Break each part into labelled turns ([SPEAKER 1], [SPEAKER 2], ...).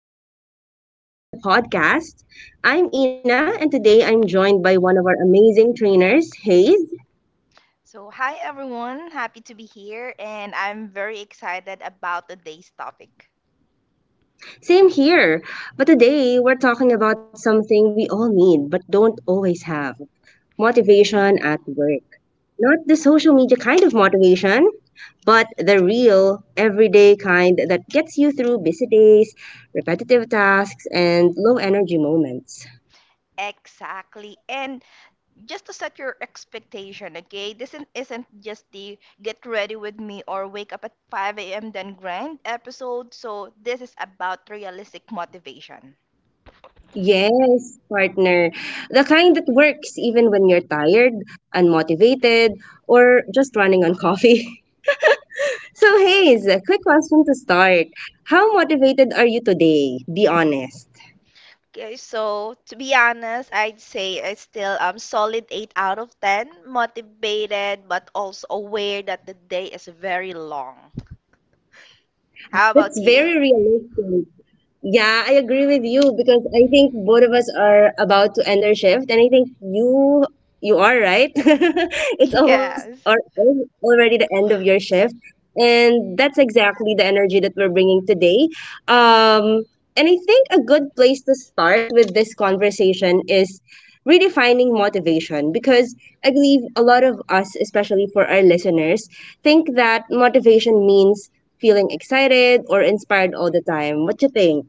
[SPEAKER 1] Hello, everyone, and welcome to the podcast. I'm Ina, and today I'm joined by one of our amazing trainers, Hayes.
[SPEAKER 2] So, hi everyone, happy to be here, and I'm very excited about today's topic.
[SPEAKER 1] Same here, but today we're talking about something we all need but don't always have motivation
[SPEAKER 2] Mm.
[SPEAKER 1] at work. Not the social media kind of motivation, but the real, everyday kind that gets you through busy days, repetitive tasks, and low energy moments.
[SPEAKER 2] Exactly. And just to set your expectation, okay? This isn't just the get ready with me or wake up at 5 a.m. then grind episode. So, this is about realistic motivation.
[SPEAKER 1] Yes, partner. The kind that works even when you're tired, unmotivated, or just running on coffee. So, Hayes, a quick question to start. How motivated are you today? Be honest.
[SPEAKER 2] Okay, so to be honest, I'd say I still solid 8 out of 10, motivated but also aware that the day is very long. How
[SPEAKER 1] That's
[SPEAKER 2] about
[SPEAKER 1] very
[SPEAKER 2] you?
[SPEAKER 1] realistic. Yeah, I agree with you because I think both of us are about to end their shift, and I think you are right. It's almost or
[SPEAKER 2] Yes,
[SPEAKER 1] already the end of your shift, and that's exactly the energy that we're bringing today. Um, and I think a good place to start with this conversation is redefining motivation because I believe a lot of us, especially for our listeners, think that motivation means feeling excited or inspired all the time. What you think?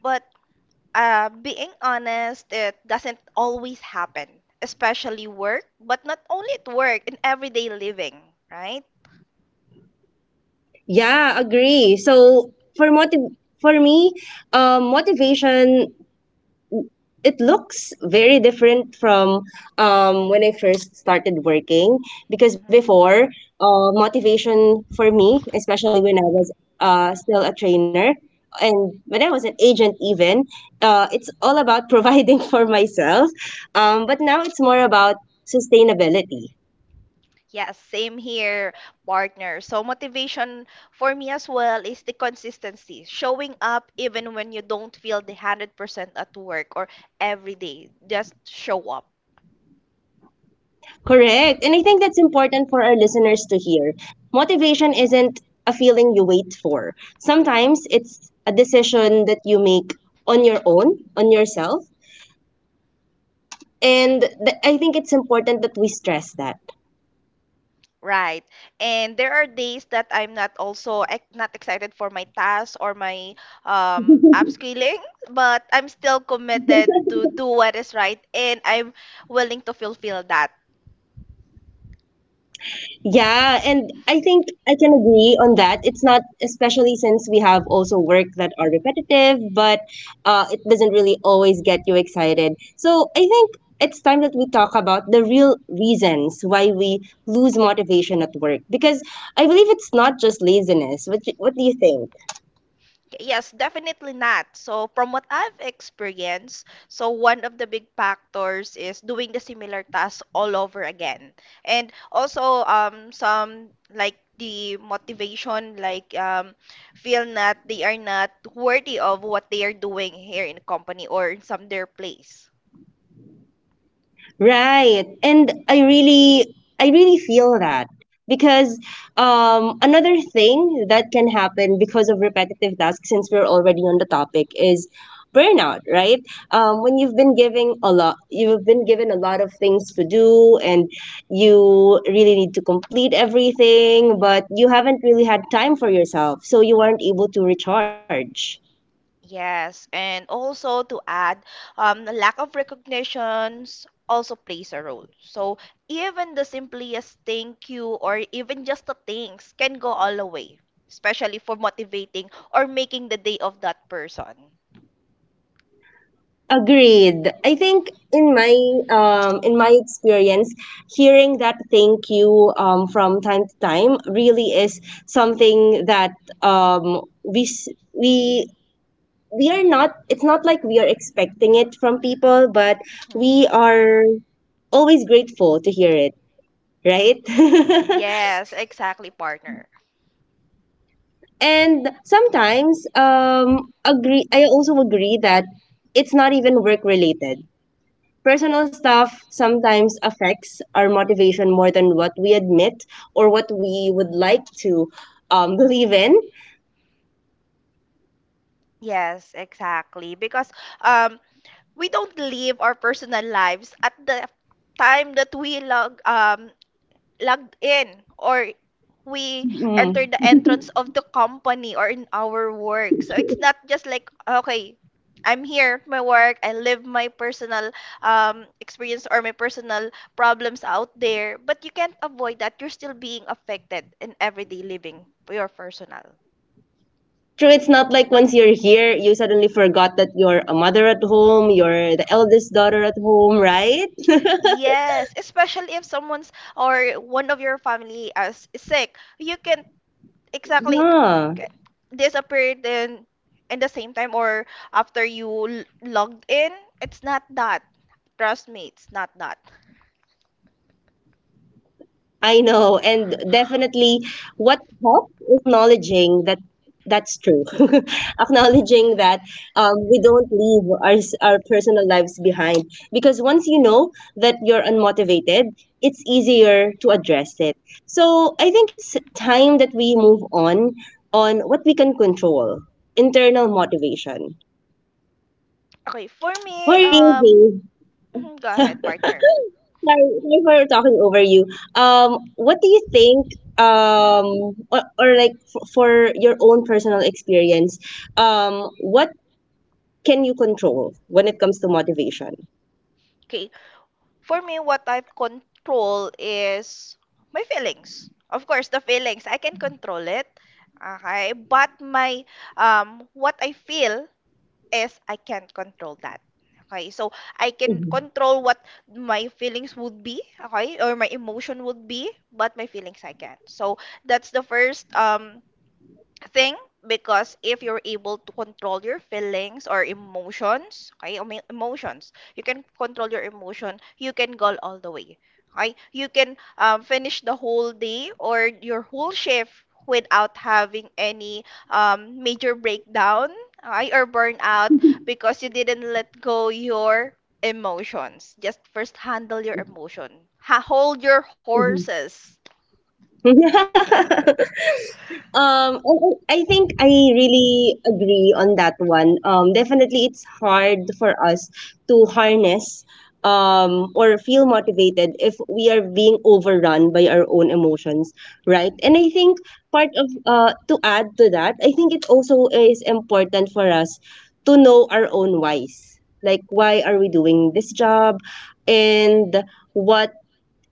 [SPEAKER 2] but being honest, it doesn't always happen, especially work, but not only at work, in everyday living, right?
[SPEAKER 1] Yeah, agree. So for motiv for me, motivation it looks very different from when I first started working because
[SPEAKER 2] hmm
[SPEAKER 1] before, motivation for me, especially when I was still a trainer and when I was an agent even, it's all about providing for myself. But now it's more about sustainability.
[SPEAKER 2] Yes, same here, partner. So, motivation for me as well is the consistency, showing up even when you don't feel the 100% at work or every day. Just show up.
[SPEAKER 1] Correct. And I think that's important for our listeners to hear. Motivation isn't a feeling you wait for. Sometimes it's a decision that you make on your own, on yourself. And I think it's important that we stress that.
[SPEAKER 2] Right. And there are days that I'm not also not excited for my task or my upskilling, but I'm still committed to do what is right and I'm willing to fulfill that.
[SPEAKER 1] Yeah, and I think I can agree on that. It's not, especially since we have also work that are repetitive, but it doesn't really always get you excited. So I think it's time that we talk about the real reasons why we lose motivation at work. Because I believe it's not just laziness. What do you think?
[SPEAKER 2] Yes, definitely not. So, from what I've experienced, so one of the big factors is doing the similar task all over again. And also, some like the motivation, feel that they are not worthy of what they are doing here in the company or in some their place.
[SPEAKER 1] Right. And I really feel that because another thing that can happen because of repetitive tasks since we're already on the topic is burnout, right? When you've been given a lot of things to do and you really need to complete everything, but you haven't really had time for yourself, so you aren't able to recharge.
[SPEAKER 2] Yes, and also to add, the lack of recognitions also plays a role. So even the simplest thank you or even just the thanks can go all the way, especially for motivating or making the day of that person.
[SPEAKER 1] Agreed. I think in my experience, hearing that thank you from time to time really is something that we s- we we are not. It's not like we are expecting it from people, but we
[SPEAKER 2] Mhm.
[SPEAKER 1] are always grateful to hear it, right?
[SPEAKER 2] Yes, exactly, partner.
[SPEAKER 1] And sometimes agree. I also agree that it's not even work related. Personal stuff sometimes affects our motivation more than what we admit or what we would like to believe in.
[SPEAKER 2] Yes, exactly. Because um, we don't live our personal lives at the time that we logged in or we enter
[SPEAKER 1] Mm.
[SPEAKER 2] the entrance of the company or in our work. So it's not just like, okay, I'm here at my work, I live my personal experience or my personal problems out there, but you can't avoid that. You're still being affected in everyday living, your personal.
[SPEAKER 1] True, it's not like once you're here, you suddenly forgot that you're a mother at home, you're the eldest daughter at home, right?
[SPEAKER 2] Yes, especially if someone's or one of your family is sick, you can exactly
[SPEAKER 1] Yeah.
[SPEAKER 2] K- disappeared in the same time or after you logged in, it's not that, trust me, it's not that.
[SPEAKER 1] I know, and definitely what helps is acknowledging that that's true. Acknowledging that we don't leave our personal lives behind because once you know that you're unmotivated, it's easier to address it. So I think it's time that we move on what we can control, internal motivation.
[SPEAKER 2] okay for
[SPEAKER 1] Who
[SPEAKER 2] me
[SPEAKER 1] are you,
[SPEAKER 2] Mhm, go
[SPEAKER 1] Dave?
[SPEAKER 2] ahead, partner.
[SPEAKER 1] Hi, sorry for talking over you. What do you think? Um, for your own personal experience, what can you control when it comes to motivation?
[SPEAKER 2] Okay, for me what I control is my feelings, of course. The feelings I can control it, okay, but my what I feel is I can't control that. Okay, so I can control what my feelings would be, okay, or my emotion would be, but my feelings I can't. So that's the first thing, because if you're able to control your feelings or emotions, you can control your emotion, you can go all the way, okay. You can finish the whole day or your whole shift without having any major breakdown, okay, or burnout because you didn't let go your emotions. Just first handle your emotion, hold your
[SPEAKER 1] Mhm,
[SPEAKER 2] horses.
[SPEAKER 1] mhm. And I think I really agree on that one. Definitely, it's hard for us to harness or feel motivated if we are being overrun by our own emotions, right? And I think
[SPEAKER 2] Yes.
[SPEAKER 1] part of to add to that, I think it also is important for us to know our own whys. Like, why are we doing this job, and what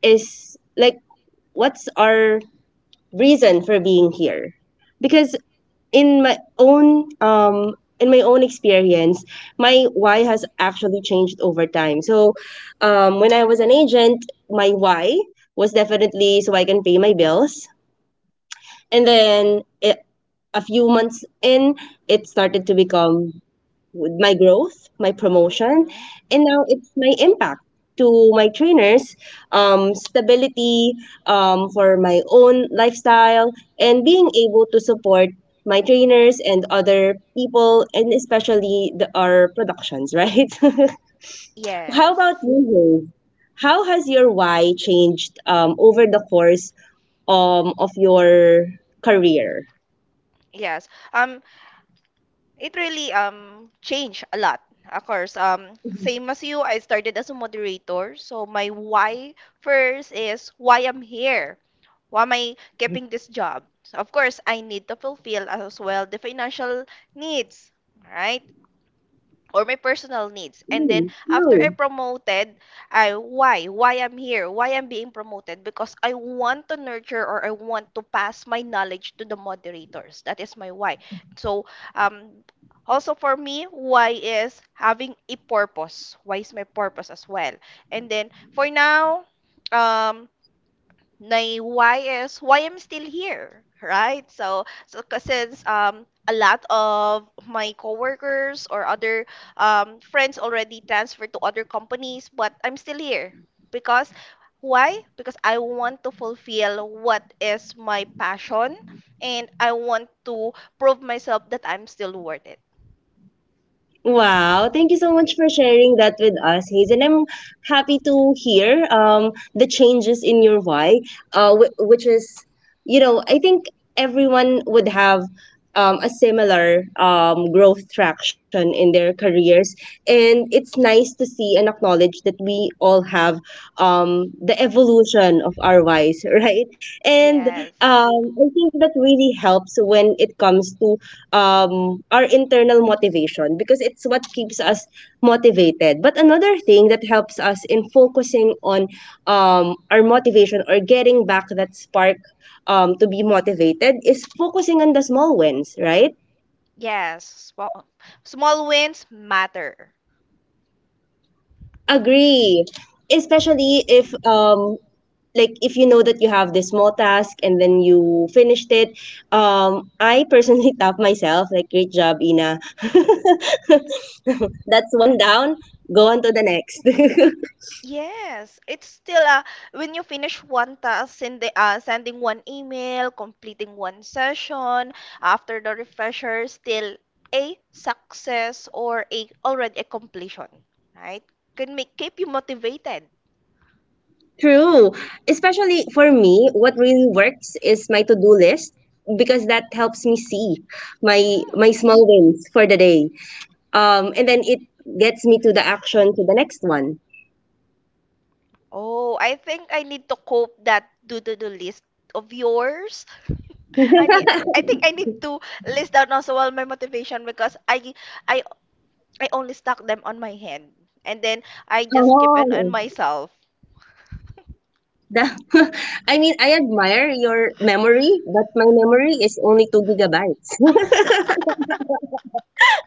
[SPEAKER 1] is like what's our reason for being here? Because in my own experience my why has actually changed over time. So when I was an agent my why was definitely so I can pay my bills, and then a few months in it started to become my growth, my promotion,
[SPEAKER 2] hmm
[SPEAKER 1] and now it's my impact to my trainers, stability, for my own lifestyle, and being able to support my trainers and other people, and especially our productions, right? How about
[SPEAKER 2] yes.
[SPEAKER 1] you, Jay? How has your why changed over the course of your career?
[SPEAKER 2] Yes. It really changed a lot. Of course,
[SPEAKER 1] Mm.
[SPEAKER 2] same as you, I started as a moderator. So my why first is why I'm here. Why am I keeping this job? So of course, I need to fulfill as well the financial needs, right? Or my personal needs. And then after I
[SPEAKER 1] True.
[SPEAKER 2] promoted, I why I'm here, why I'm being promoted, because I want to nurture or I want to pass my knowledge to the moderators. That is my why. So um also for me, why is having a purpose. Why is my purpose as well? And then for now, um my why is why I'm still here, right? So, so 'cause since a lot of my coworkers or other friends already transferred to other companies, but I'm still here because why? Because I want to fulfill what is my passion and I want to prove myself that I'm still worth it.
[SPEAKER 1] Wow, thank you so much for sharing that with us, Hazen. I'm happy to hear the changes in your why, which is, you know, I think everyone would have a similar growth traction in their careers. And it's nice to see and acknowledge that we all have the evolution of our whys, right? And
[SPEAKER 2] Yes.
[SPEAKER 1] I think that really helps when it comes to our internal motivation because it's what keeps us motivated. But another thing that helps us in focusing on our motivation or getting back that spark to be motivated is focusing on the small wins, right?
[SPEAKER 2] Yes. Small, small wins matter.
[SPEAKER 1] Agree. Especially if like if you know that you have this small task and then you finished it. I personally tap myself like, great job, Ina. That's one down. Go on to the next.
[SPEAKER 2] Yes, it's still when you finish one task, sending one email, completing one session, after the refresher, still a success or a already a completion, right? Can make keep you motivated.
[SPEAKER 1] True. Especially for me, what really works is my to-do list because that helps me see my
[SPEAKER 2] Mm.
[SPEAKER 1] my small wins for the day. And then it gets me to the action, to the next one.
[SPEAKER 2] Oh, I think I need to cope that do-do-do list of yours. I need I think I need to list down also all my motivation because I I only stuck them on my hand and then I just keep it on
[SPEAKER 1] Oh,
[SPEAKER 2] myself.
[SPEAKER 1] the- I mean, I admire your memory, but my memory is only 2 GB.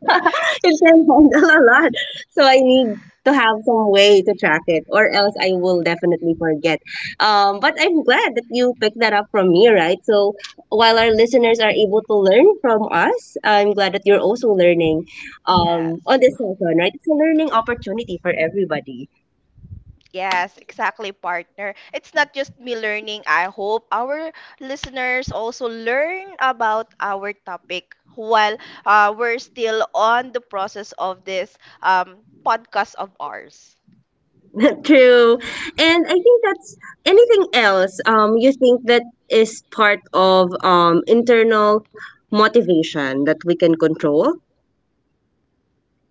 [SPEAKER 1] It can handle a lot. So I need to have some way to track it, or else I will definitely forget. But I'm glad that you picked that up from me, right? So while our listeners are able to learn from us, I'm glad that you're also learning on
[SPEAKER 2] Yes.
[SPEAKER 1] this session, right? It's a learning opportunity for everybody.
[SPEAKER 2] Yes, exactly, partner. It's not just me learning. I hope our listeners also learn about our topic while we're still on the process of this podcast of ours.
[SPEAKER 1] True. And I think that's anything else you think that is part of internal motivation that we can control?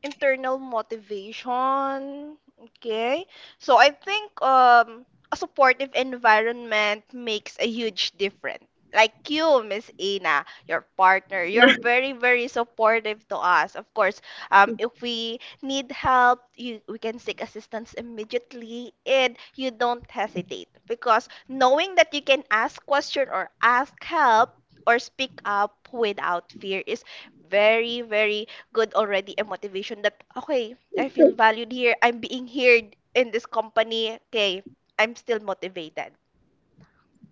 [SPEAKER 2] Internal motivation. Okay. So I think a supportive environment makes a huge difference. Like you, Miss Ina, your partner, you're very, very supportive to us. Of course, if we need help, we can seek assistance immediately and you don't hesitate, because knowing that you can ask question or ask help or speak up without fear is very, very good, already a motivation that okay, I feel valued here, I'm being heard in this company, okay, I'm still motivated.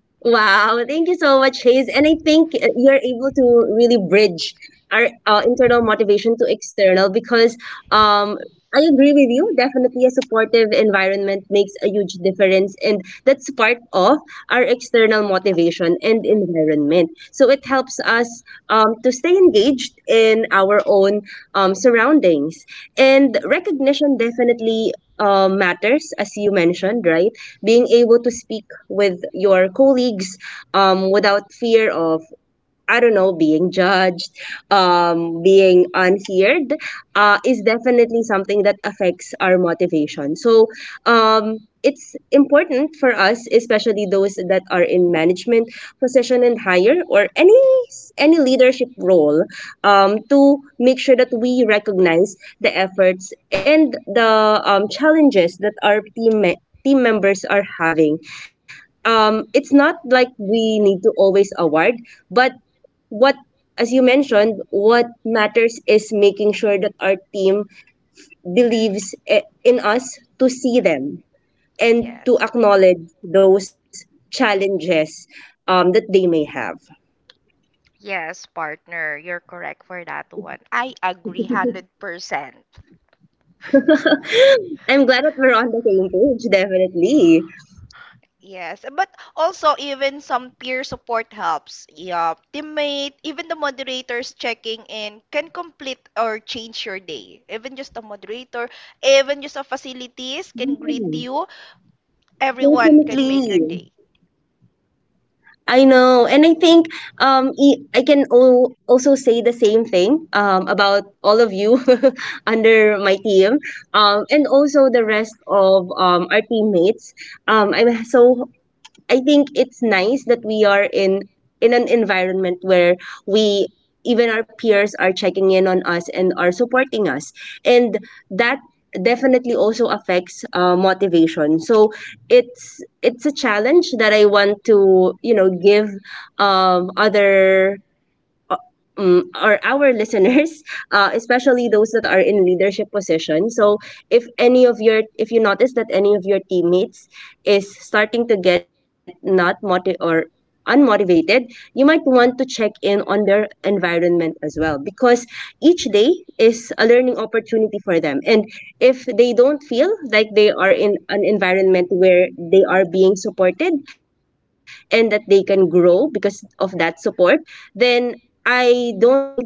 [SPEAKER 1] Wow, thank you so much, Hayes. And I think you're able to really bridge our internal motivation to external because um, I agree with you. Definitely, a supportive environment makes a huge difference, and that's part of our external
[SPEAKER 2] Ay,
[SPEAKER 1] motivation and environment. So it helps us to stay engaged in our own surroundings, and recognition definitely. Matters, as you mentioned, right? Being able to speak with your colleagues without fear of, I don't know, being judged, being unheard, is definitely something that affects our motivation. So um, it's important for us, especially those that are in management position and higher, or any leadership role, to make sure that we recognize the efforts and the challenges that our team members are having. It's not like we need to always award, but what, as you mentioned, what matters is making sure that our team believes in us to see them and to
[SPEAKER 2] yes.
[SPEAKER 1] acknowledge those challenges that they may have.
[SPEAKER 2] Yes, partner, you're correct for that one. I agree 100%.
[SPEAKER 1] I'm glad that we're on the same page, definitely.
[SPEAKER 2] Yes, but also even some peer support helps, yeah, teammate, even the moderators checking in can complete or change your day, even just a moderator, even just a facilities can
[SPEAKER 1] Yeah,
[SPEAKER 2] greet you, everyone can make your
[SPEAKER 1] definitely.
[SPEAKER 2] day.
[SPEAKER 1] I know, and I think I can also say the same thing about all of you under my team, and also the rest of our teammates. Um, I'm so I think it's nice that we are in an environment where we even our peers are checking in on us and are supporting us, and that definitely also affects motivation. So it's a challenge that I want to, you know, give um, other uh, or our listeners, especially those that are in leadership position. So if you notice that any of your teammates is starting to get not motivated or unmotivated, you might want to check in on their environment as well, because each day is a learning opportunity for. And if they don't feel like they are in an environment where they are being supported and that they can grow because of that support, then I don't think they would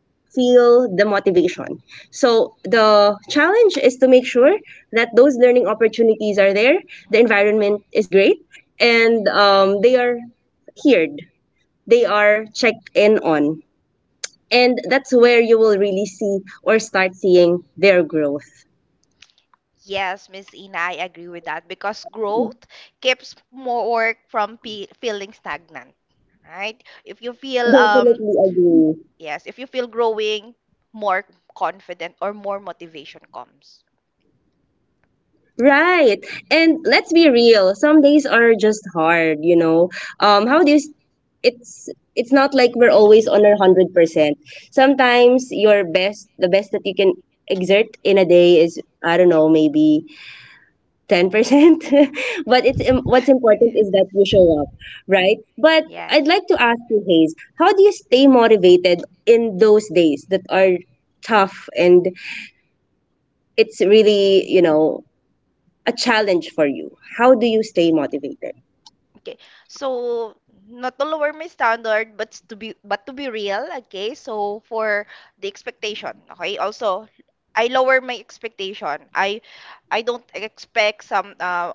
[SPEAKER 1] feel the motivation. So the challenge is to make sure that those learning opportunities are there, the environment is great, and they are heard, they are checked in on. And that's where you will really see or start seeing their growth.
[SPEAKER 2] Yes, Miss Ina, I agree with that because growth keeps more work from feeling stagnant, right? If you feel
[SPEAKER 1] Definitely agree.
[SPEAKER 2] yes, if you feel growing, more confident or more motivation comes.
[SPEAKER 1] Right. And let's be real, some days are just hard, you know. How do you s- it's not like we're always on our 100%. Sometimes your best the best that you can exert in a day is, I don't know, maybe 10%. What's important
[SPEAKER 2] Yes.
[SPEAKER 1] is that you show up, right? But I'd
[SPEAKER 2] Yes.
[SPEAKER 1] like to ask you, Hayes, how do you stay motivated in those days that are tough and it's really, a challenge for you? How do you stay motivated?
[SPEAKER 2] Okay. So not to lower my standard, but to be, but to be real, okay? So for the expectation, okay? Also, I lower my expectation. I don't expect some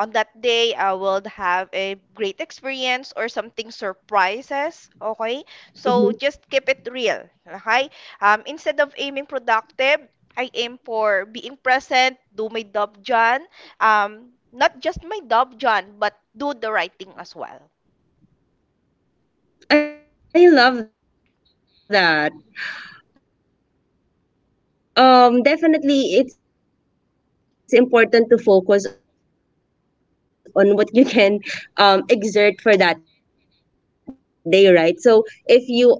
[SPEAKER 2] on that day I will have a great experience or something surprises. Okay? So just keep it real.
[SPEAKER 1] Mhm.
[SPEAKER 2] Okay? Instead of aiming productive, I aim for being present, do my job, John. Not just my job, John, but do the right thing as well.
[SPEAKER 1] I love that. Definitely, it's important to focus on what you can exert for that day, right? So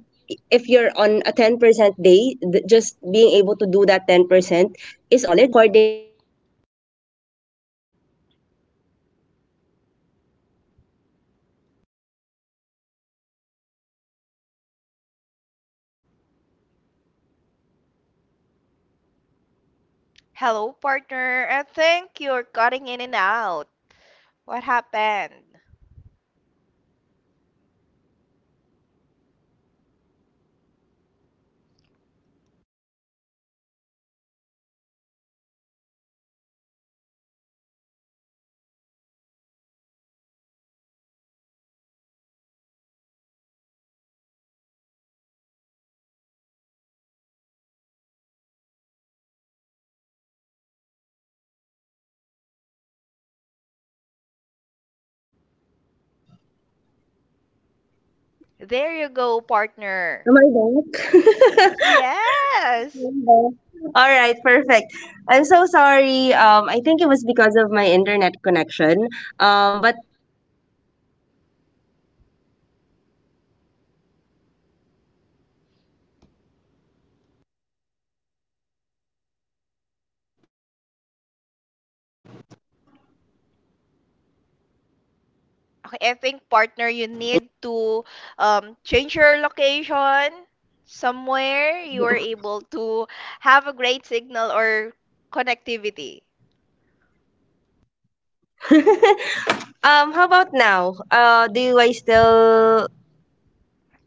[SPEAKER 1] if you're on a 10% day, just being able to do that 10% is already enough. And you I, I like that you're able to acknowledge and lower your expectations accordingly, in order for you to not burden yourself into striving for the 100, even if you're on,
[SPEAKER 2] Hello, partner.
[SPEAKER 1] you're
[SPEAKER 2] I
[SPEAKER 1] not
[SPEAKER 2] think
[SPEAKER 1] feeling that
[SPEAKER 2] you're cutting in
[SPEAKER 1] great
[SPEAKER 2] and
[SPEAKER 1] that
[SPEAKER 2] out.
[SPEAKER 1] day. And for
[SPEAKER 2] What
[SPEAKER 1] me, I
[SPEAKER 2] happened?
[SPEAKER 1] focus on what's urgent versus what can wait, which is why I have my to do list. Hello? Hello? Can
[SPEAKER 2] There you go, partner. Yes.
[SPEAKER 1] Am I back? Am back? All right, perfect. I'm so sorry. I think it was because of my internet connection. But
[SPEAKER 2] Okay, I think partner, you need to change your location somewhere you are able to have a great signal or connectivity.
[SPEAKER 1] how about now? Do I still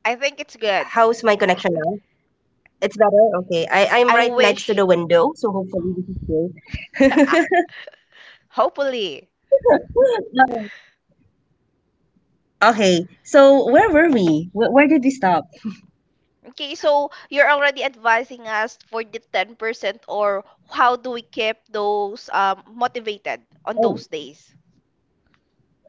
[SPEAKER 2] I think it's
[SPEAKER 1] How's my
[SPEAKER 2] good.
[SPEAKER 1] connection now?
[SPEAKER 2] I,
[SPEAKER 1] It's better. Okay, I'm right
[SPEAKER 2] I
[SPEAKER 1] next to the
[SPEAKER 2] wish.
[SPEAKER 1] window, so hopefully this is good.
[SPEAKER 2] Hopefully.
[SPEAKER 1] Alright. Okay, so where were we? Where did we stop?
[SPEAKER 2] Okay, so you're already advising us for the 10% or how do we keep those motivated on
[SPEAKER 1] Oh.
[SPEAKER 2] those days?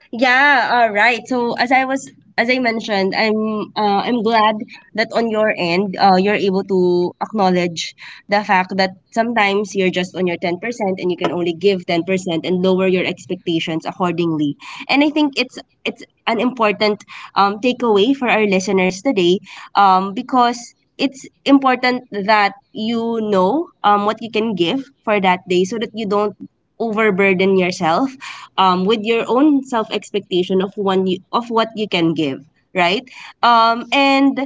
[SPEAKER 1] Yeah, all right. So as I mentioned, I'm glad that on your end, you're able to acknowledge the fact that sometimes you're just on your 10%, and you can only give 10%, and lower your expectations accordingly. And I think it's an important takeaway for our listeners today, because it's important that you know what you can give for that day, so that you don't overburden yourself with your own self expectation of of what you can give, right?
[SPEAKER 2] Yes.
[SPEAKER 1] And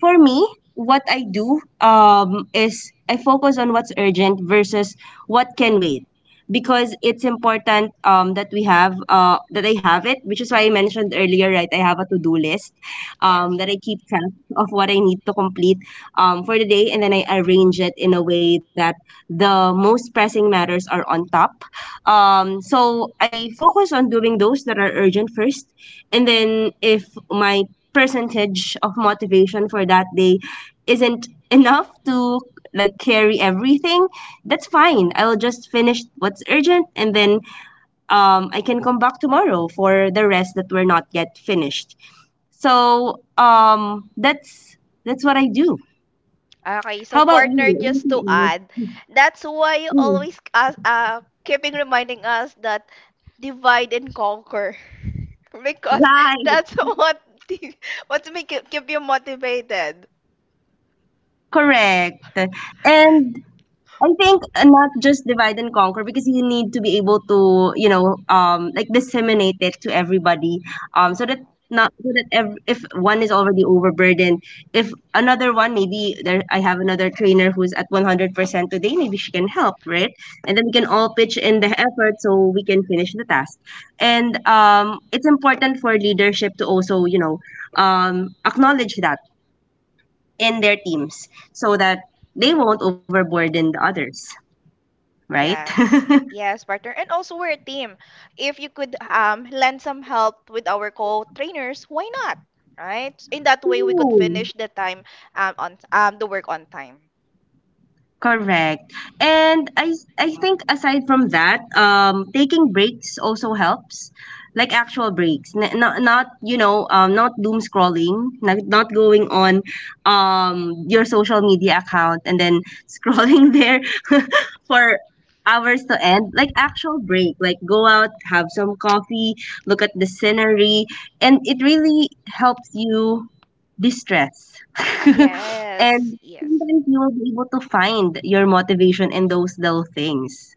[SPEAKER 1] for me, what I do is I focus on what's urgent versus what can wait, because it's important that I have it, which is why I mentioned earlier, right? I have a to do list
[SPEAKER 2] Yes.
[SPEAKER 1] that I keep track of what I need to complete for the day, and then I arrange it in a way that the most pressing matters are on top. So I focus on doing those that are urgent first, and then if my percentage of motivation for that day isn't enough to like carry everything, that's fine. I'll just finish what's urgent, and then I can come back tomorrow for the rest that were not yet finished. So that's what I do.
[SPEAKER 2] Okay, so
[SPEAKER 1] How about
[SPEAKER 2] partner,
[SPEAKER 1] you?
[SPEAKER 2] just to
[SPEAKER 1] Anything else?
[SPEAKER 2] add, that's why you
[SPEAKER 1] Mm,
[SPEAKER 2] always ask, keeping reminding us that divide and conquer. Because
[SPEAKER 1] right,
[SPEAKER 2] that's what the, what's make you, keep you motivated.
[SPEAKER 1] correct. And I think not just divide and conquer, because you need to be able to, like disseminate it to everybody,
[SPEAKER 2] Mm.
[SPEAKER 1] so that not so that if one is already overburdened, if another one, maybe there, I have another trainer who's at 100% today, maybe she can help, right? And then we can all pitch in the effort so we can finish the task. And it's important for leadership to also, acknowledge that in their teams so that they won't overburden the others, right?
[SPEAKER 2] Yes. Yes, partner. And also we're a team. If you could lend some help with our co-trainers, why not? Right? In that way we could
[SPEAKER 1] Ooh.
[SPEAKER 2] finish the time on the work on time.
[SPEAKER 1] Correct. And I think aside from that, taking breaks also helps, like actual breaks. Not not doom scrolling, not going on your social media account and then scrolling there for hours to end. Like actual break, like go out, have some coffee, look at the scenery, and it really helps you distress.
[SPEAKER 2] Yes.
[SPEAKER 1] And
[SPEAKER 2] Yes.
[SPEAKER 1] sometimes you will be able to find your motivation in those little things.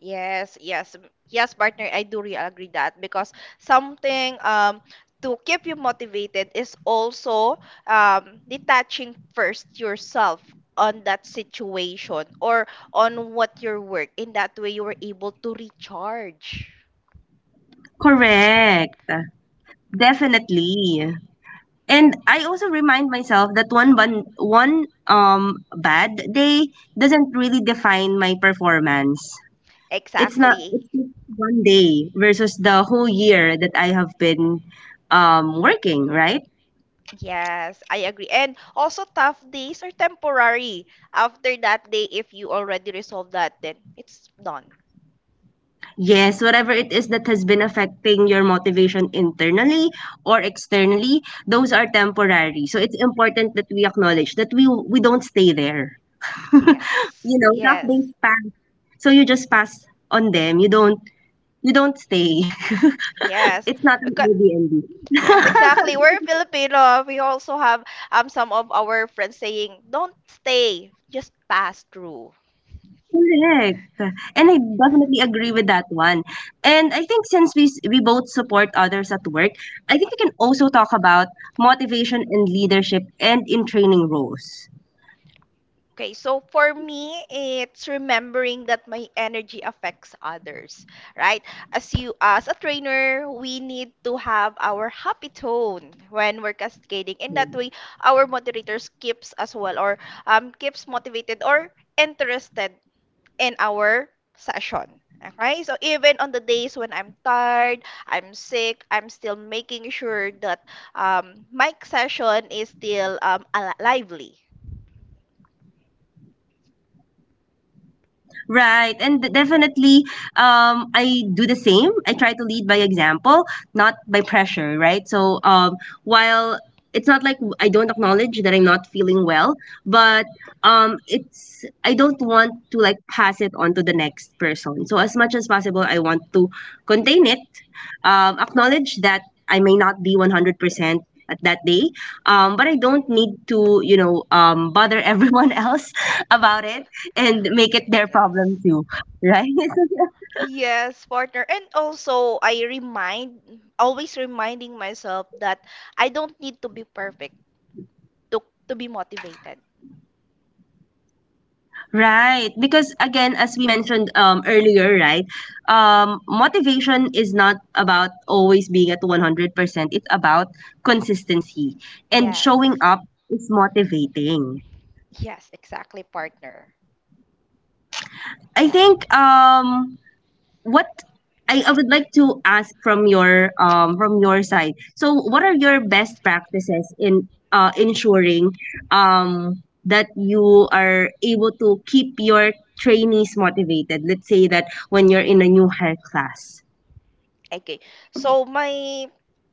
[SPEAKER 2] Yes, yes, partner. I do really agree that because something to keep you motivated is also detaching first yourself on that situation or on what your work. In that way, you were able to recharge.
[SPEAKER 1] Correct. Definitely. And I also remind myself that one bad day doesn't really define my performance. It's not
[SPEAKER 2] Exactly.
[SPEAKER 1] It's just one day versus the whole year that I have been working, right?
[SPEAKER 2] Yes, I agree. And also, tough days are temporary. After that day, if you already resolve that, then it's done.
[SPEAKER 1] Yes, whatever it is that has been affecting your motivation internally or externally, those are temporary. So it's important that we acknowledge that we don't stay there. You
[SPEAKER 2] Yes,
[SPEAKER 1] know, tough days
[SPEAKER 2] yes,
[SPEAKER 1] pass. So you just pass on them. You don't stay.
[SPEAKER 2] yes.
[SPEAKER 1] It's not an
[SPEAKER 2] Okay. Yes,
[SPEAKER 1] Airbnb.
[SPEAKER 2] exactly. We're Filipino. We also have some of our friends saying, "Don't stay, just pass through."
[SPEAKER 1] Correct. And I definitely agree with that one. And I think since we both support others at work, I think we can also talk about motivation and leadership and in training roles.
[SPEAKER 2] Okay, so for me, it's remembering that my energy affects others, right? As you as a trainer, we need to have our happy tone when we're cascading. In that way, our moderators keeps as well or keeps motivated or interested in our session. Okay, so even on the days when I'm tired, I'm sick, I'm still making sure that my session is still lively.
[SPEAKER 1] Right. And definitely, I do the same. I try to lead by example, not by pressure, right? So, while it's not like I don't acknowledge that I'm not feeling well, but it's I don't want to like pass it on to the next person. So as much as possible, I want to contain it, acknowledge that I may not be 100% at that day, but I don't need to bother everyone else about it and make it their problem too.
[SPEAKER 2] Yes.
[SPEAKER 1] Right?
[SPEAKER 2] Yes, partner. And also, always reminding myself that I don't need to be perfect to, to be motivated.
[SPEAKER 1] Right, because again, as we mentioned earlier, right, motivation is not about always being at 100%. It's consistency. And showing
[SPEAKER 2] Yes.
[SPEAKER 1] up is motivating.
[SPEAKER 2] Yes, exactly, partner.
[SPEAKER 1] I think what I would like to ask from your side. So what are your best practices in ensuring that you are able to keep your trainees motivated? Let's say that when you're in a new hire class.
[SPEAKER 2] Okay. So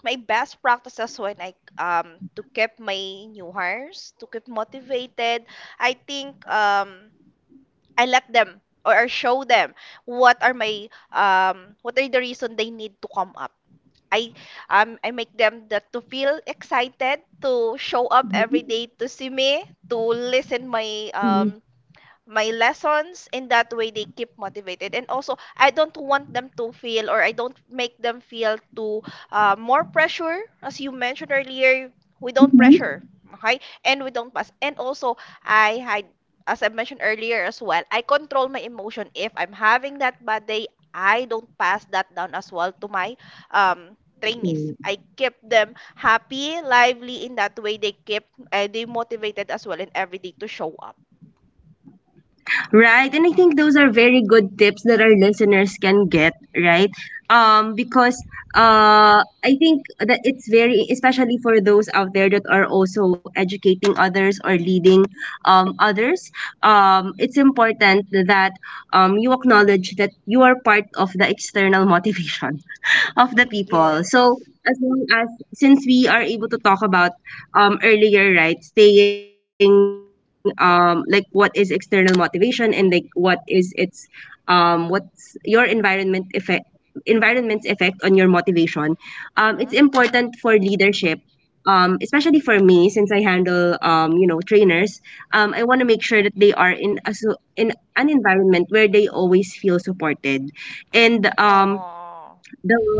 [SPEAKER 2] my best practices when I to keep my new hires to keep motivated, I think I let them or I show them what are my what are the reason they need to come up. I I make them that to feel excited to show up every day to see me to listen my lessons in that way they keep motivated, and also I don't want them to feel or I don't make them feel too more pressure. As you mentioned earlier, we don't pressure, okay, and we don't pass. And also I had, as I mentioned earlier as well, I control my emotion. If I'm having that bad day, I don't pass that down as well to my um trainees. I keep them happy, lively, in that way they keep they motivated as well in every day to show up.
[SPEAKER 1] Right. And I think those are very good tips that our listeners can get, right? Because I think that it's very, especially for those out there that are also educating others or leading others, it's important that you acknowledge that you are part of the external motivation of the people.
[SPEAKER 2] Yes.
[SPEAKER 1] So as long as, since we are able to talk about earlier, right, staying like what is external motivation and like what is its what's your environment effect, environment's effect on your motivation. It's
[SPEAKER 2] Mm-hmm.
[SPEAKER 1] important for leadership. Especially for me, since I handle trainers, I want to make sure that they are in a, so in an environment where they always feel supported, and
[SPEAKER 2] Oh,
[SPEAKER 1] the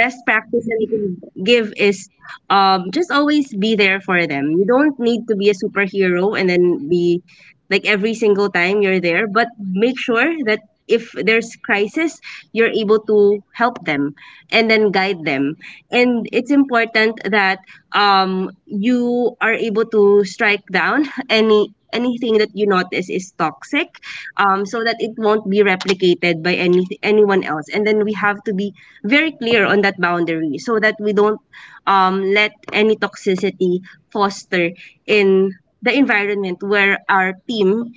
[SPEAKER 1] the best practice that I can give is just always be there for them. You don't need to be a superhero and then be like every single time you're there, but make sure that if there's crisis, you're able to help them and then guide them. And it's important that you are able to strike down anything that you notice is toxic, so that it won't be replicated by anyone else. And then we have to be very clear on that boundary so that we don't let any toxicity foster in the environment where our team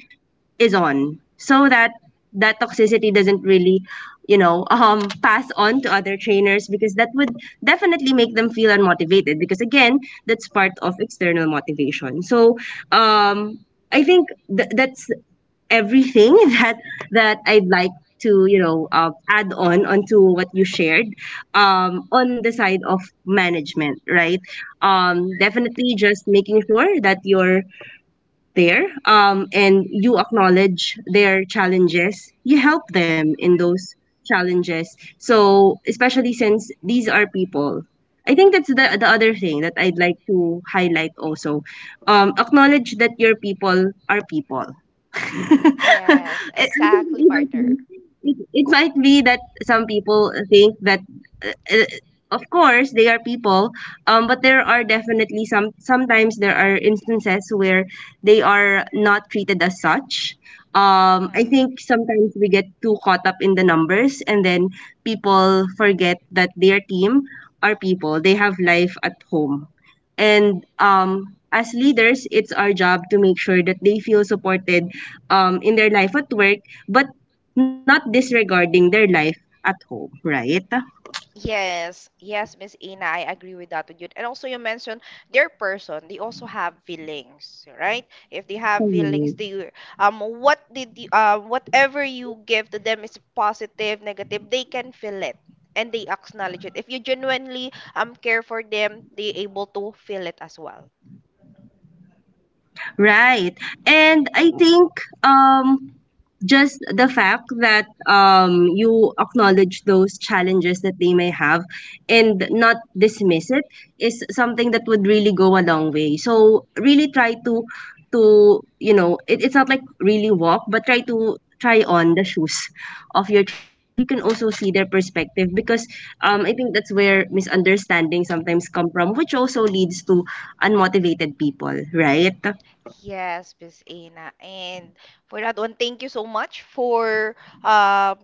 [SPEAKER 1] is on, so that that toxicity doesn't really pass on to other trainers, because that would definitely make them feel unmotivated, because again, that's part of external motivation. So um I think that's everything that that I'd like to add on onto what you shared, on the side of management, right? Definitely just making sure that you're there, and you acknowledge their challenges, you help them in those challenges. So especially since these are people, I think that's the other thing that I'd like to highlight also. Acknowledge that your people are people.
[SPEAKER 2] yes,
[SPEAKER 1] I think
[SPEAKER 2] exactly,
[SPEAKER 1] it might
[SPEAKER 2] partner.
[SPEAKER 1] be it might be that some people think that uh, uh, of course they are people, but there are definitely sometimes there are instances where they are not treated as such. I
[SPEAKER 2] Mm-hmm.
[SPEAKER 1] think sometimes we get too caught up in the numbers, and then people forget that their team are people, they have life at home, and as leaders it's our job to make sure that they feel supported in their life at work, but not disregarding their life at home, right?
[SPEAKER 2] Yes, yes, Miss Ina, I agree with that with you. And also, you mentioned their person, they also have feelings, right? If they have feelings,
[SPEAKER 1] Correct.
[SPEAKER 2] they what whatever you give to them is positive, negative, they can feel it and they acknowledge it. If you genuinely care for them, they able to feel it as well.
[SPEAKER 1] Right. And I think um just the fact that you acknowledge those challenges that they may have and not dismiss it is something that would really go a long way. So really try to, you know, it's not like really walk, but try to try on the shoes of your trainer, so that you can also see their perspective, because I think that's where misunderstandings sometimes come from, which also leads to unmotivated people, right?
[SPEAKER 2] Yes, Miss Ana. And for that one, thank you so much um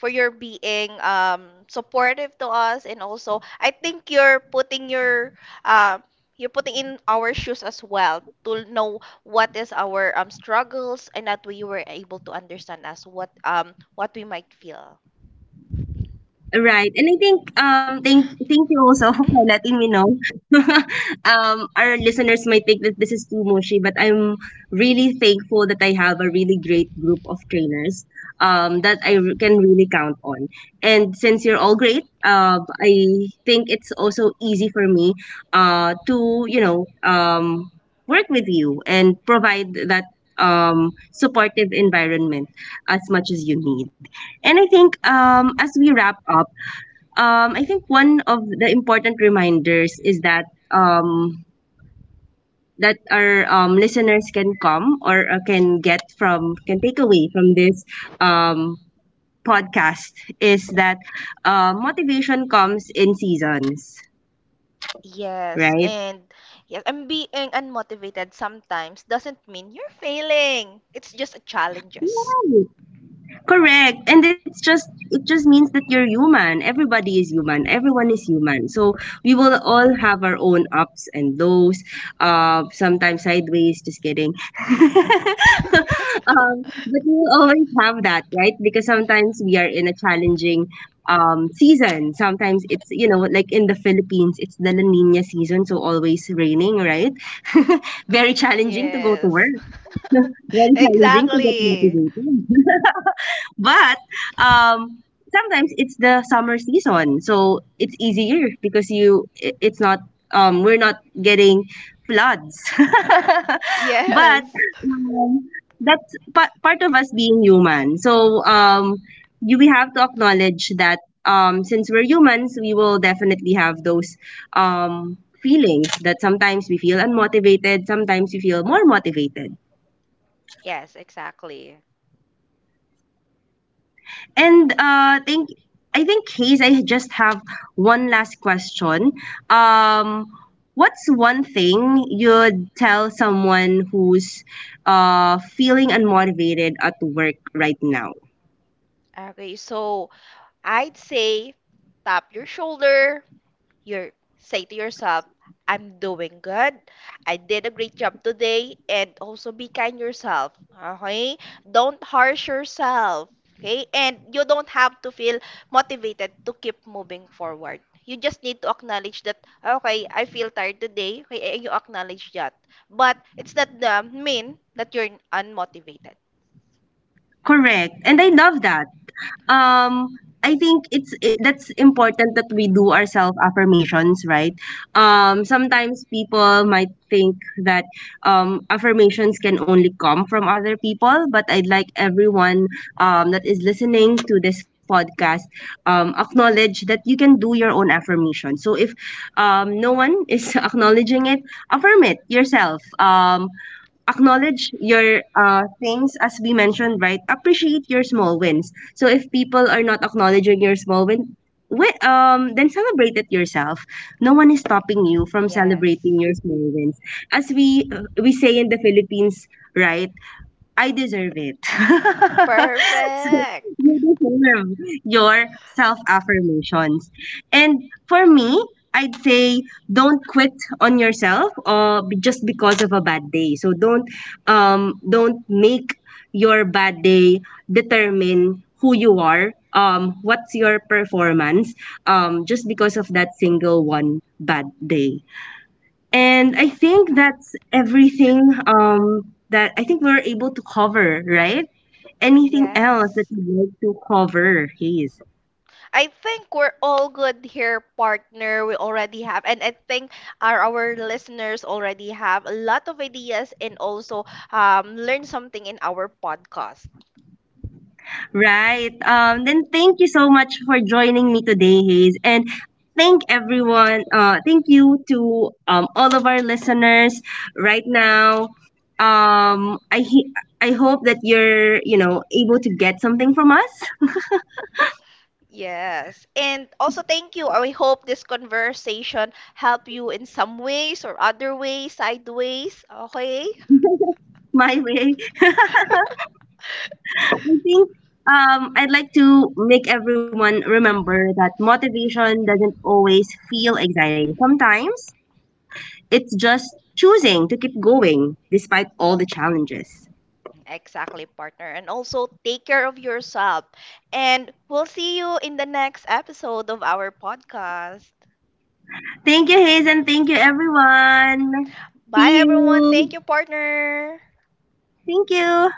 [SPEAKER 2] for your being supportive to us, and also I think you're putting your um you're putting in our shoes as well to know what is our struggles, and that way you were able to understand us what we might feel.
[SPEAKER 1] Right. And I think thank you also for letting me know. Our listeners might think that this is too mushy, but I'm really thankful that I a really great group of trainers that I
[SPEAKER 2] Yes.
[SPEAKER 1] can really count on. And since you're all great, I think it's also easy for me to, work with you and provide that supportive environment as much as you need. And I think as we wrap up, I think one of the important reminders is that um, that our listeners can come or can take away from this um, podcast is that, motivation comes in seasons,
[SPEAKER 2] Yes,
[SPEAKER 1] right?
[SPEAKER 2] and yes, and being unmotivated sometimes doesn't mean you're failing. It's just a challenges.
[SPEAKER 1] Correct. And it just means that you're human. Everybody is human. Everyone is human. So we will all have our own ups and lows. Sometimes sideways. Just kidding. But we will always have that, right? Because sometimes we are in a challenging season. Sometimes it's, you know, like in the Philippines, it's the La Nina season, so always raining, right? Very challenging to go to
[SPEAKER 2] Yes.
[SPEAKER 1] work. Very challenging to get
[SPEAKER 2] Exactly.
[SPEAKER 1] motivated. But um, sometimes it's the summer season, so it's easier because you I- it's not we're not getting floods. But
[SPEAKER 2] Yes.
[SPEAKER 1] that's part of us being human. So you we have to acknowledge that since we're humans, we will definitely have those um feelings that sometimes we feel unmotivated, sometimes we feel more motivated.
[SPEAKER 2] Yes, exactly.
[SPEAKER 1] And think I think, Hayes, I just have one last question. Um, what's one thing you'd tell someone who's feeling unmotivated at work right now?
[SPEAKER 2] Okay, so I'd say tap your shoulder, you say to yourself, I'm doing good. I did a great job today. And also be kind yourself. Okay? Don't harsh yourself. Okay? And you don't have to feel motivated to keep moving forward. You just need to acknowledge that, okay, I feel tired today. Okay, and you acknowledge that. But it's not the mean that you're unmotivated.
[SPEAKER 1] Correct. And I love that. um I think that's important that we do our self affirmations, right? Sometimes people might think that affirmations can only come from other people, but I'd like everyone that is listening to this podcast, acknowledge that you can do your own affirmation. So if no one is acknowledging it, affirm it yourself. Acknowledge your things, as we mentioned, right? Appreciate your small wins. So if people are not acknowledging your small win, then celebrate it yourself. No one is stopping you from celebrating
[SPEAKER 2] Yes.
[SPEAKER 1] your small wins, as we say in the Philippines, right? I deserve it.
[SPEAKER 2] Perfect.
[SPEAKER 1] You deserve your self affirmations. And for me, I'd say don't quit on yourself just because of a bad day. So don't make your bad day determine who you are. What's your performance? Just because of that single one bad day. And I think that's everything. That I think we're able to cover, right? Anything else that
[SPEAKER 2] Yes.
[SPEAKER 1] you'd like to cover, Hayes?
[SPEAKER 2] I think we're all good here, partner. We already have, and I think our listeners already have a lot of ideas and also learn something in our podcast.
[SPEAKER 1] Right. Then thank you so much for joining me today, Hayes. And thank everyone. Thank you to all of our listeners right now. Um, I, he- I hope that you're, you know, able to get something from us,
[SPEAKER 2] Yes. And also, thank you. I hope this conversation help you in some ways or other ways, sideways. Okay?
[SPEAKER 1] my way. I think I'd like to make everyone remember that motivation doesn't always feel exciting. Sometimes it's just choosing to keep going despite all the challenges.
[SPEAKER 2] Exactly, partner. And also, take care of yourself. And we'll see you in the next episode of our podcast.
[SPEAKER 1] Thank you, Hazen. Thank you, everyone.
[SPEAKER 2] Bye,
[SPEAKER 1] See
[SPEAKER 2] everyone. Thank
[SPEAKER 1] you.
[SPEAKER 2] you, partner.
[SPEAKER 1] Thank you.